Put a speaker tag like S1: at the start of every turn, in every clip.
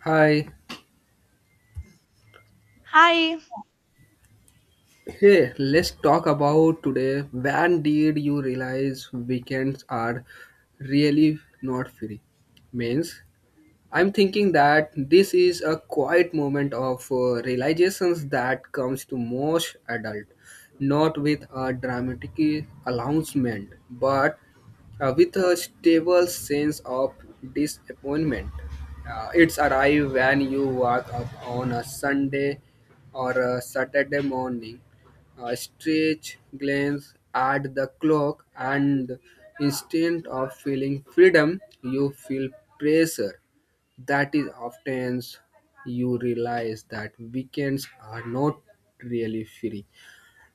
S1: Hi.
S2: Hi.
S1: Hey, let's talk about today. When did you realize weekends are really not free? Means, I'm thinking that this is a quiet moment of realizations that comes to most adult, not with a dramatic announcement, but with a stable sense of disappointment. It's arrive when you wake up on a Sunday or a Saturday morning, a stretch glance at the clock, and instead of feeling freedom, you feel pressure. That is often you realize that weekends are not really free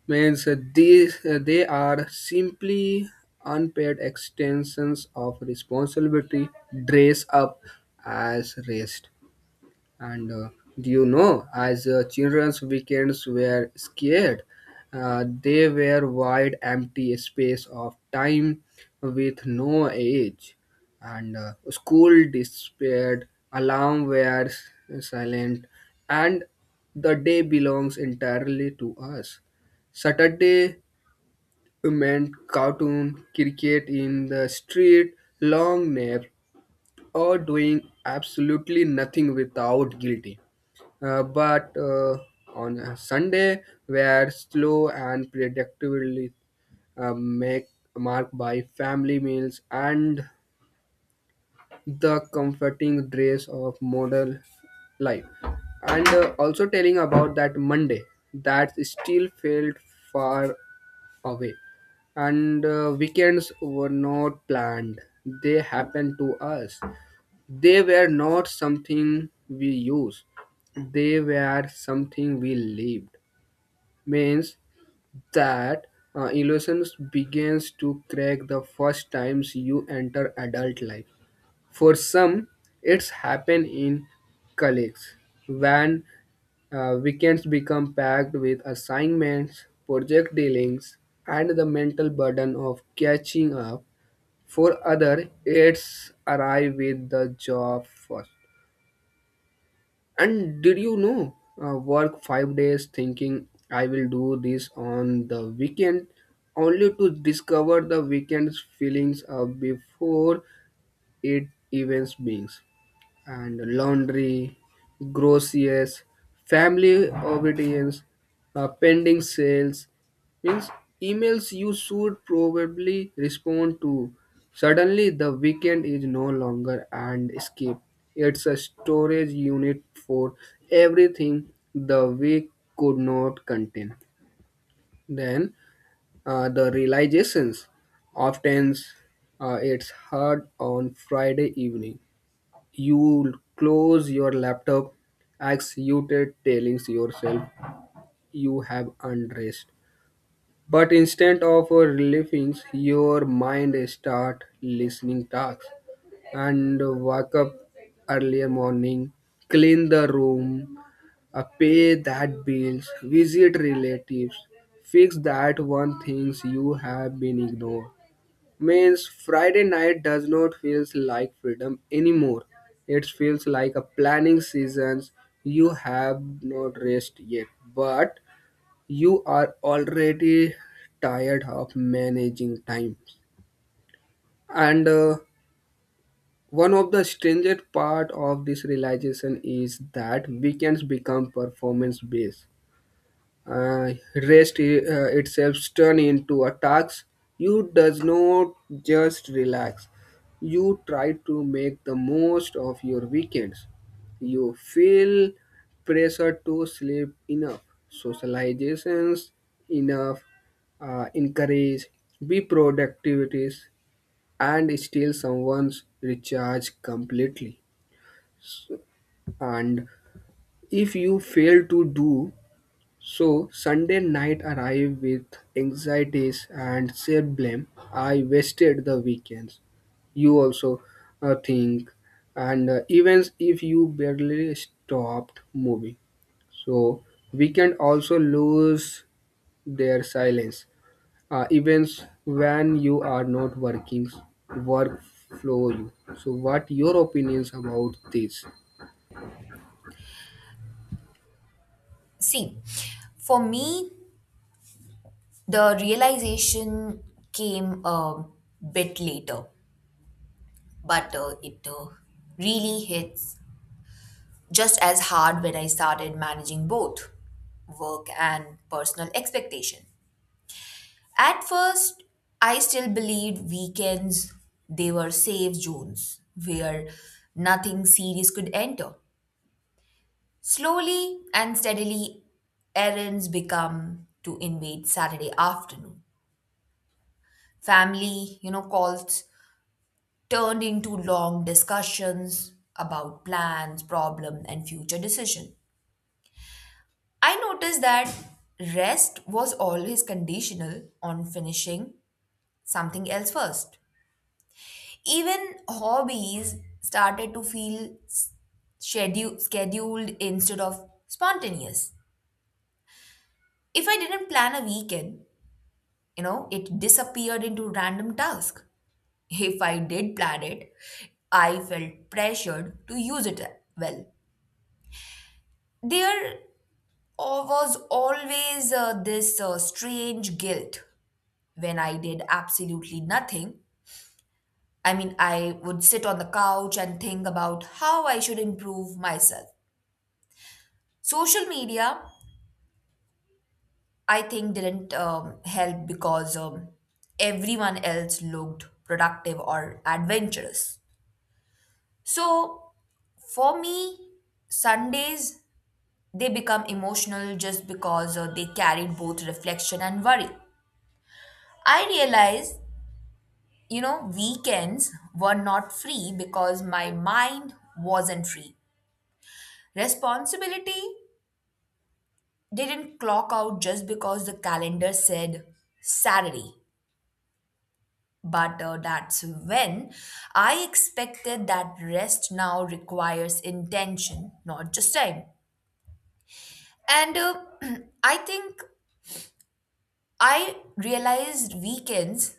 S1: means these they are simply unpaid extensions of responsibility dress up as rest and do you know, as children's weekends were scared, they were wide, empty space of time with no age. And school disappeared, alarm were silent, and the day belongs entirely to us. Saturday meant cartoon, cricket in the street, long naps, or doing absolutely nothing without guilty. But on a Sunday, were slow and predictably uh, make, marked by family meals and the comforting grace of modern life. And also telling about that Monday that still felt far away. And weekends were not planned, they happened to us. They were not something we used, they were something we lived. Means that illusions begins to crack the first times you enter adult life. For some, it's happened in colleagues when weekends become packed with assignments, project dealings, and the mental burden of catching up. For other, it's arrive with the job first. And did you know, work 5 days thinking I will do this on the weekend, only to discover the weekend's feelings before it even begins and laundry, groceries, family obedience, pending sales, means emails you should probably respond to. Suddenly, the weekend is no longer an escape. It's a storage unit for everything the week could not contain. Then, the realizations. Often, it's hard on Friday evening you close your laptop, excited, telling yourself you have unrest. But instead of relieving, your mind start listening tasks and wake up early morning, clean the room, pay that bills, visit relatives, fix that one things you have been ignored. Means Friday night does not feels like freedom anymore. It feels like a planning seasons. You have not rest yet, but you are already tired of managing time. And one of the strangest part of this realization is that weekends become performance based, uh, rest itself turn into a task. You does not just relax, you try to make the most of your weekends. You feel pressure to sleep enough, socializations enough, encourage, be productivities, and still someone's recharge completely. And if you fail to do so, Sunday night arrived with anxieties and shared blame. I wasted the weekends. You also think, and even if you barely stopped moving, so weekend also lose their silence. Events when you are not working, work flow you. So what your opinions about this?
S3: See, for me, the realization came a bit later, but it really hits just as hard when I started managing both work and personal expectation. At first, I still believed weekends they were safe zones where nothing serious could enter. Slowly and steadily, errands become to invade Saturday afternoon. Family, calls turned into long discussions about plans, problem, and future decision. I noticed that rest was always conditional on finishing something else first. Even hobbies started to feel scheduled instead of spontaneous. If I didn't plan a weekend, it disappeared into random task. If I did plan it, I felt pressured to use it well. There was always this strange guilt when I did absolutely nothing. I mean, I would sit on the couch and think about how I should improve myself. Social media, I think, didn't help because everyone else looked productive or adventurous. So, for me, Sundays, they become emotional just because they carried both reflection and worry. I realized, you know, weekends were not free because my mind wasn't free. Responsibility didn't clock out just because the calendar said Saturday. But that's when I expected that rest now requires intention, not just time. And I think I realized weekends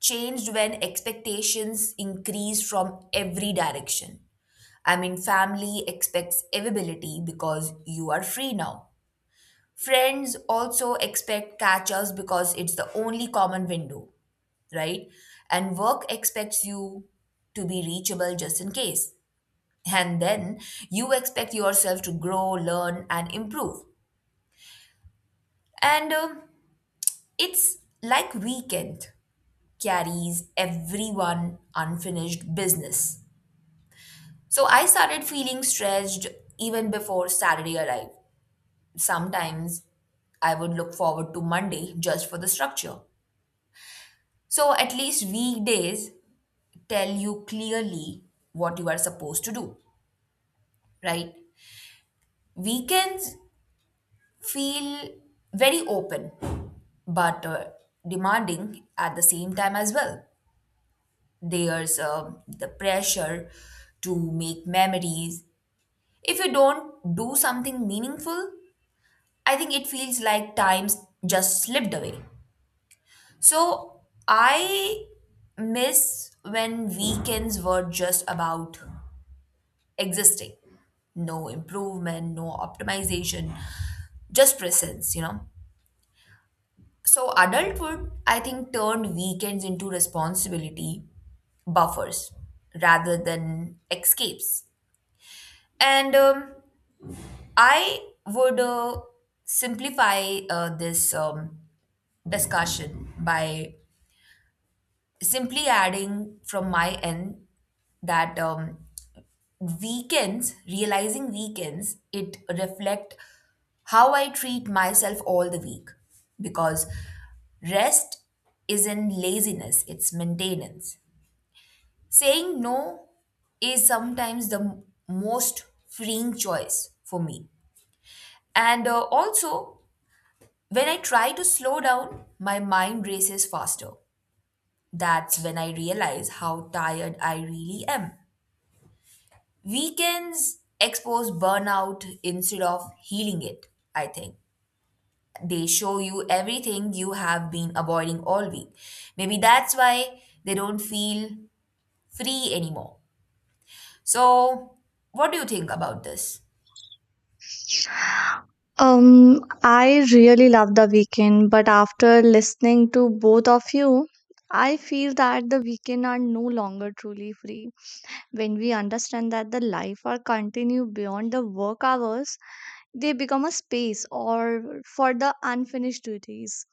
S3: changed when expectations increase from every direction. I mean, family expects availability because you are free now. Friends also expect catch ups because it's the only common window, right? And work expects you to be reachable just in case. And then you expect yourself to grow, learn, and improve. And it's like weekend carries everyone unfinished business. So I started feeling stressed even before Saturday arrived. Sometimes I would look forward to Monday just for the structure. So at least weekdays tell you clearly what you are supposed to do, right? Weekends feel very open but demanding at the same time as well. There's the pressure to make memories. If you don't do something meaningful, I think it feels like time's just slipped away. So I miss when weekends were just about existing. No improvement, no optimization, just presence, you know. So adulthood, I think, turned weekends into responsibility buffers rather than escapes. And I would simplify this discussion by simply adding from my end that realizing weekends, it reflect how I treat myself all the week because rest isn't laziness, it's maintenance. Saying no is sometimes the most freeing choice for me. And also, when I try to slow down, my mind races faster. That's when I realize how tired I really am. Weekends expose burnout instead of healing it, I think. They show you everything you have been avoiding all week. Maybe that's why they don't feel free anymore. So, what do you think about this?
S2: I really love the weekend, but after listening to both of you, I feel that the weekend are no longer truly free. When we understand that the life are continue beyond the work hours, they become a space or for the unfinished duties,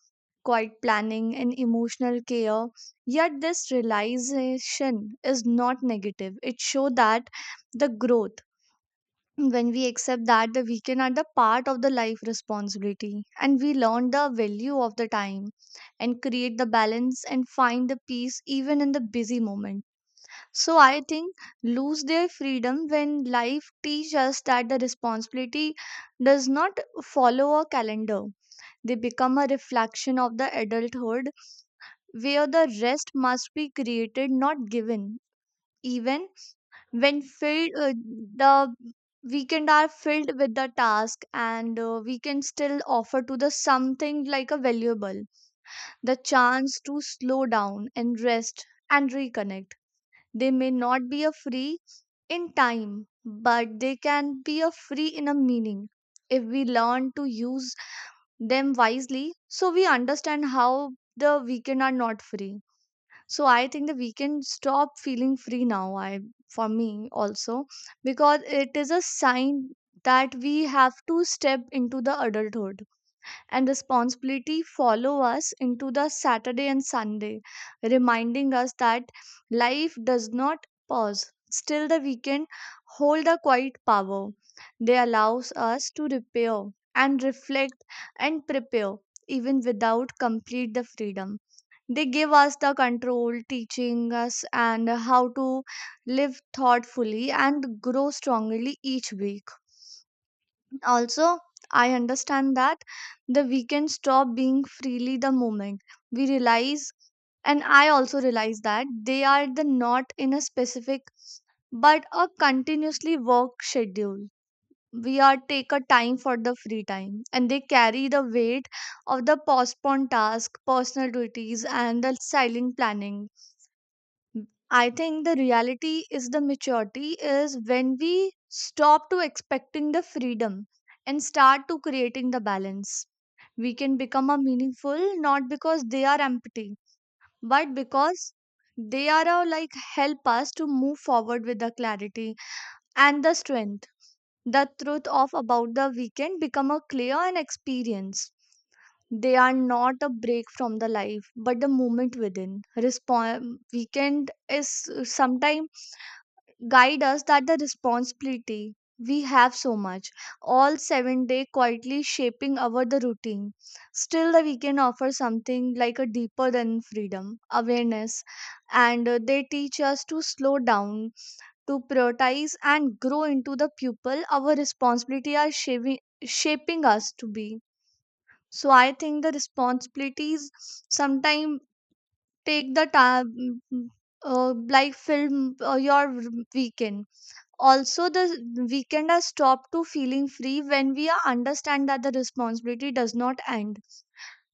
S2: quiet planning and emotional care. Yet this realization is not negative. It shows that the growth when we accept that the weekend are the part of the life responsibility and we learn the value of the time and create the balance and find the peace even in the busy moment, so I think lose their freedom when life teaches us that the responsibility does not follow a calendar. They become a reflection of the adulthood where the rest must be created not given, even when filled the weekend are filled with the task, and we can still offer to the something like a valuable, the chance to slow down and rest and reconnect. They may not be a free in time, but they can be a free in a meaning if we learn to use them wisely. So we understand how the weekend are not free. So I think the weekend stop feeling free now, I for me also, because it is a sign that we have to step into the adulthood, and responsibility follow us into the saturday and sunday, reminding us that life does not pause. Still the weekend hold a quiet power. They allows us to repair and reflect and prepare even without complete the freedom. They give us the control, teaching us and how to live thoughtfully and grow strongly each week. Also, I understand that the weekend stop being freely the moment we realize, and I also realize that they are the not in a specific but a continuously work schedule. We are take a time for the free time, and they carry the weight of the postponed task, personal duties, and the silent planning. I think the reality is the maturity is when we stop to expecting the freedom and start to creating the balance. We can become a meaningful not because they are empty, but because they are a, like help us to move forward with the clarity and the strength. The truth of about the weekend become a clear and experience. They are not a break from the life, but the moment within. Respond weekend is sometimes guide us that the responsibility we have so much all 7 day quietly shaping our the routine. Still the weekend offers something like a deeper than freedom awareness, and they teach us to slow down, to prioritize and grow into the pupil our responsibility are shaping us to be. So I think the responsibilities sometimes take the time like film your weekend. Also the weekend has stopped to feeling free when we are understand that the responsibility does not end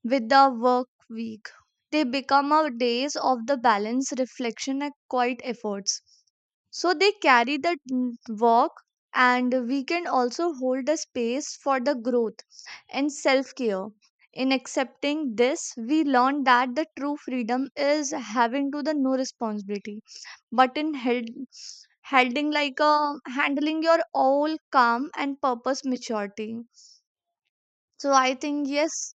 S2: with the work week. They become our days of the balance, reflection, and quiet efforts. So they carry the work, and we can also hold a space for the growth and self care. In accepting this, we learn that the true freedom is having to the no responsibility, but in holding like a handling your all calm and purpose maturity. So I think yes,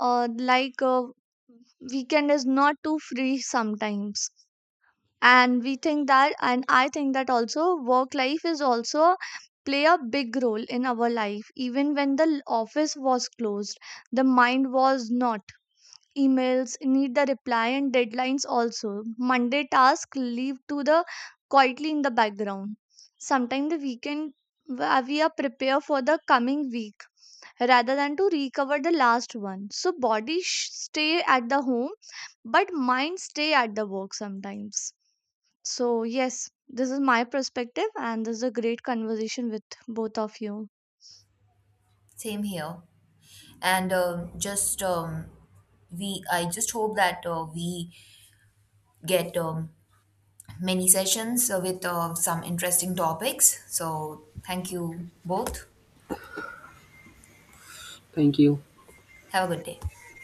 S2: uh, like uh, weekend is not too free sometimes, and we think that, and I think that also work life is also play a big role in our life. Even when the office was closed, the mind was not. Emails need the reply, and deadlines also monday task leave to the quietly in the background. Sometimes the weekend where we are prepare for the coming week rather than to recover the last one, so body stay at the home but mind stay at the work sometimes. So yes, this is my perspective, and this is a great conversation with both of you.
S3: Same here. And just I just hope that we get many sessions with some interesting topics. So, thank you both.
S1: Thank you.
S3: Have a good day.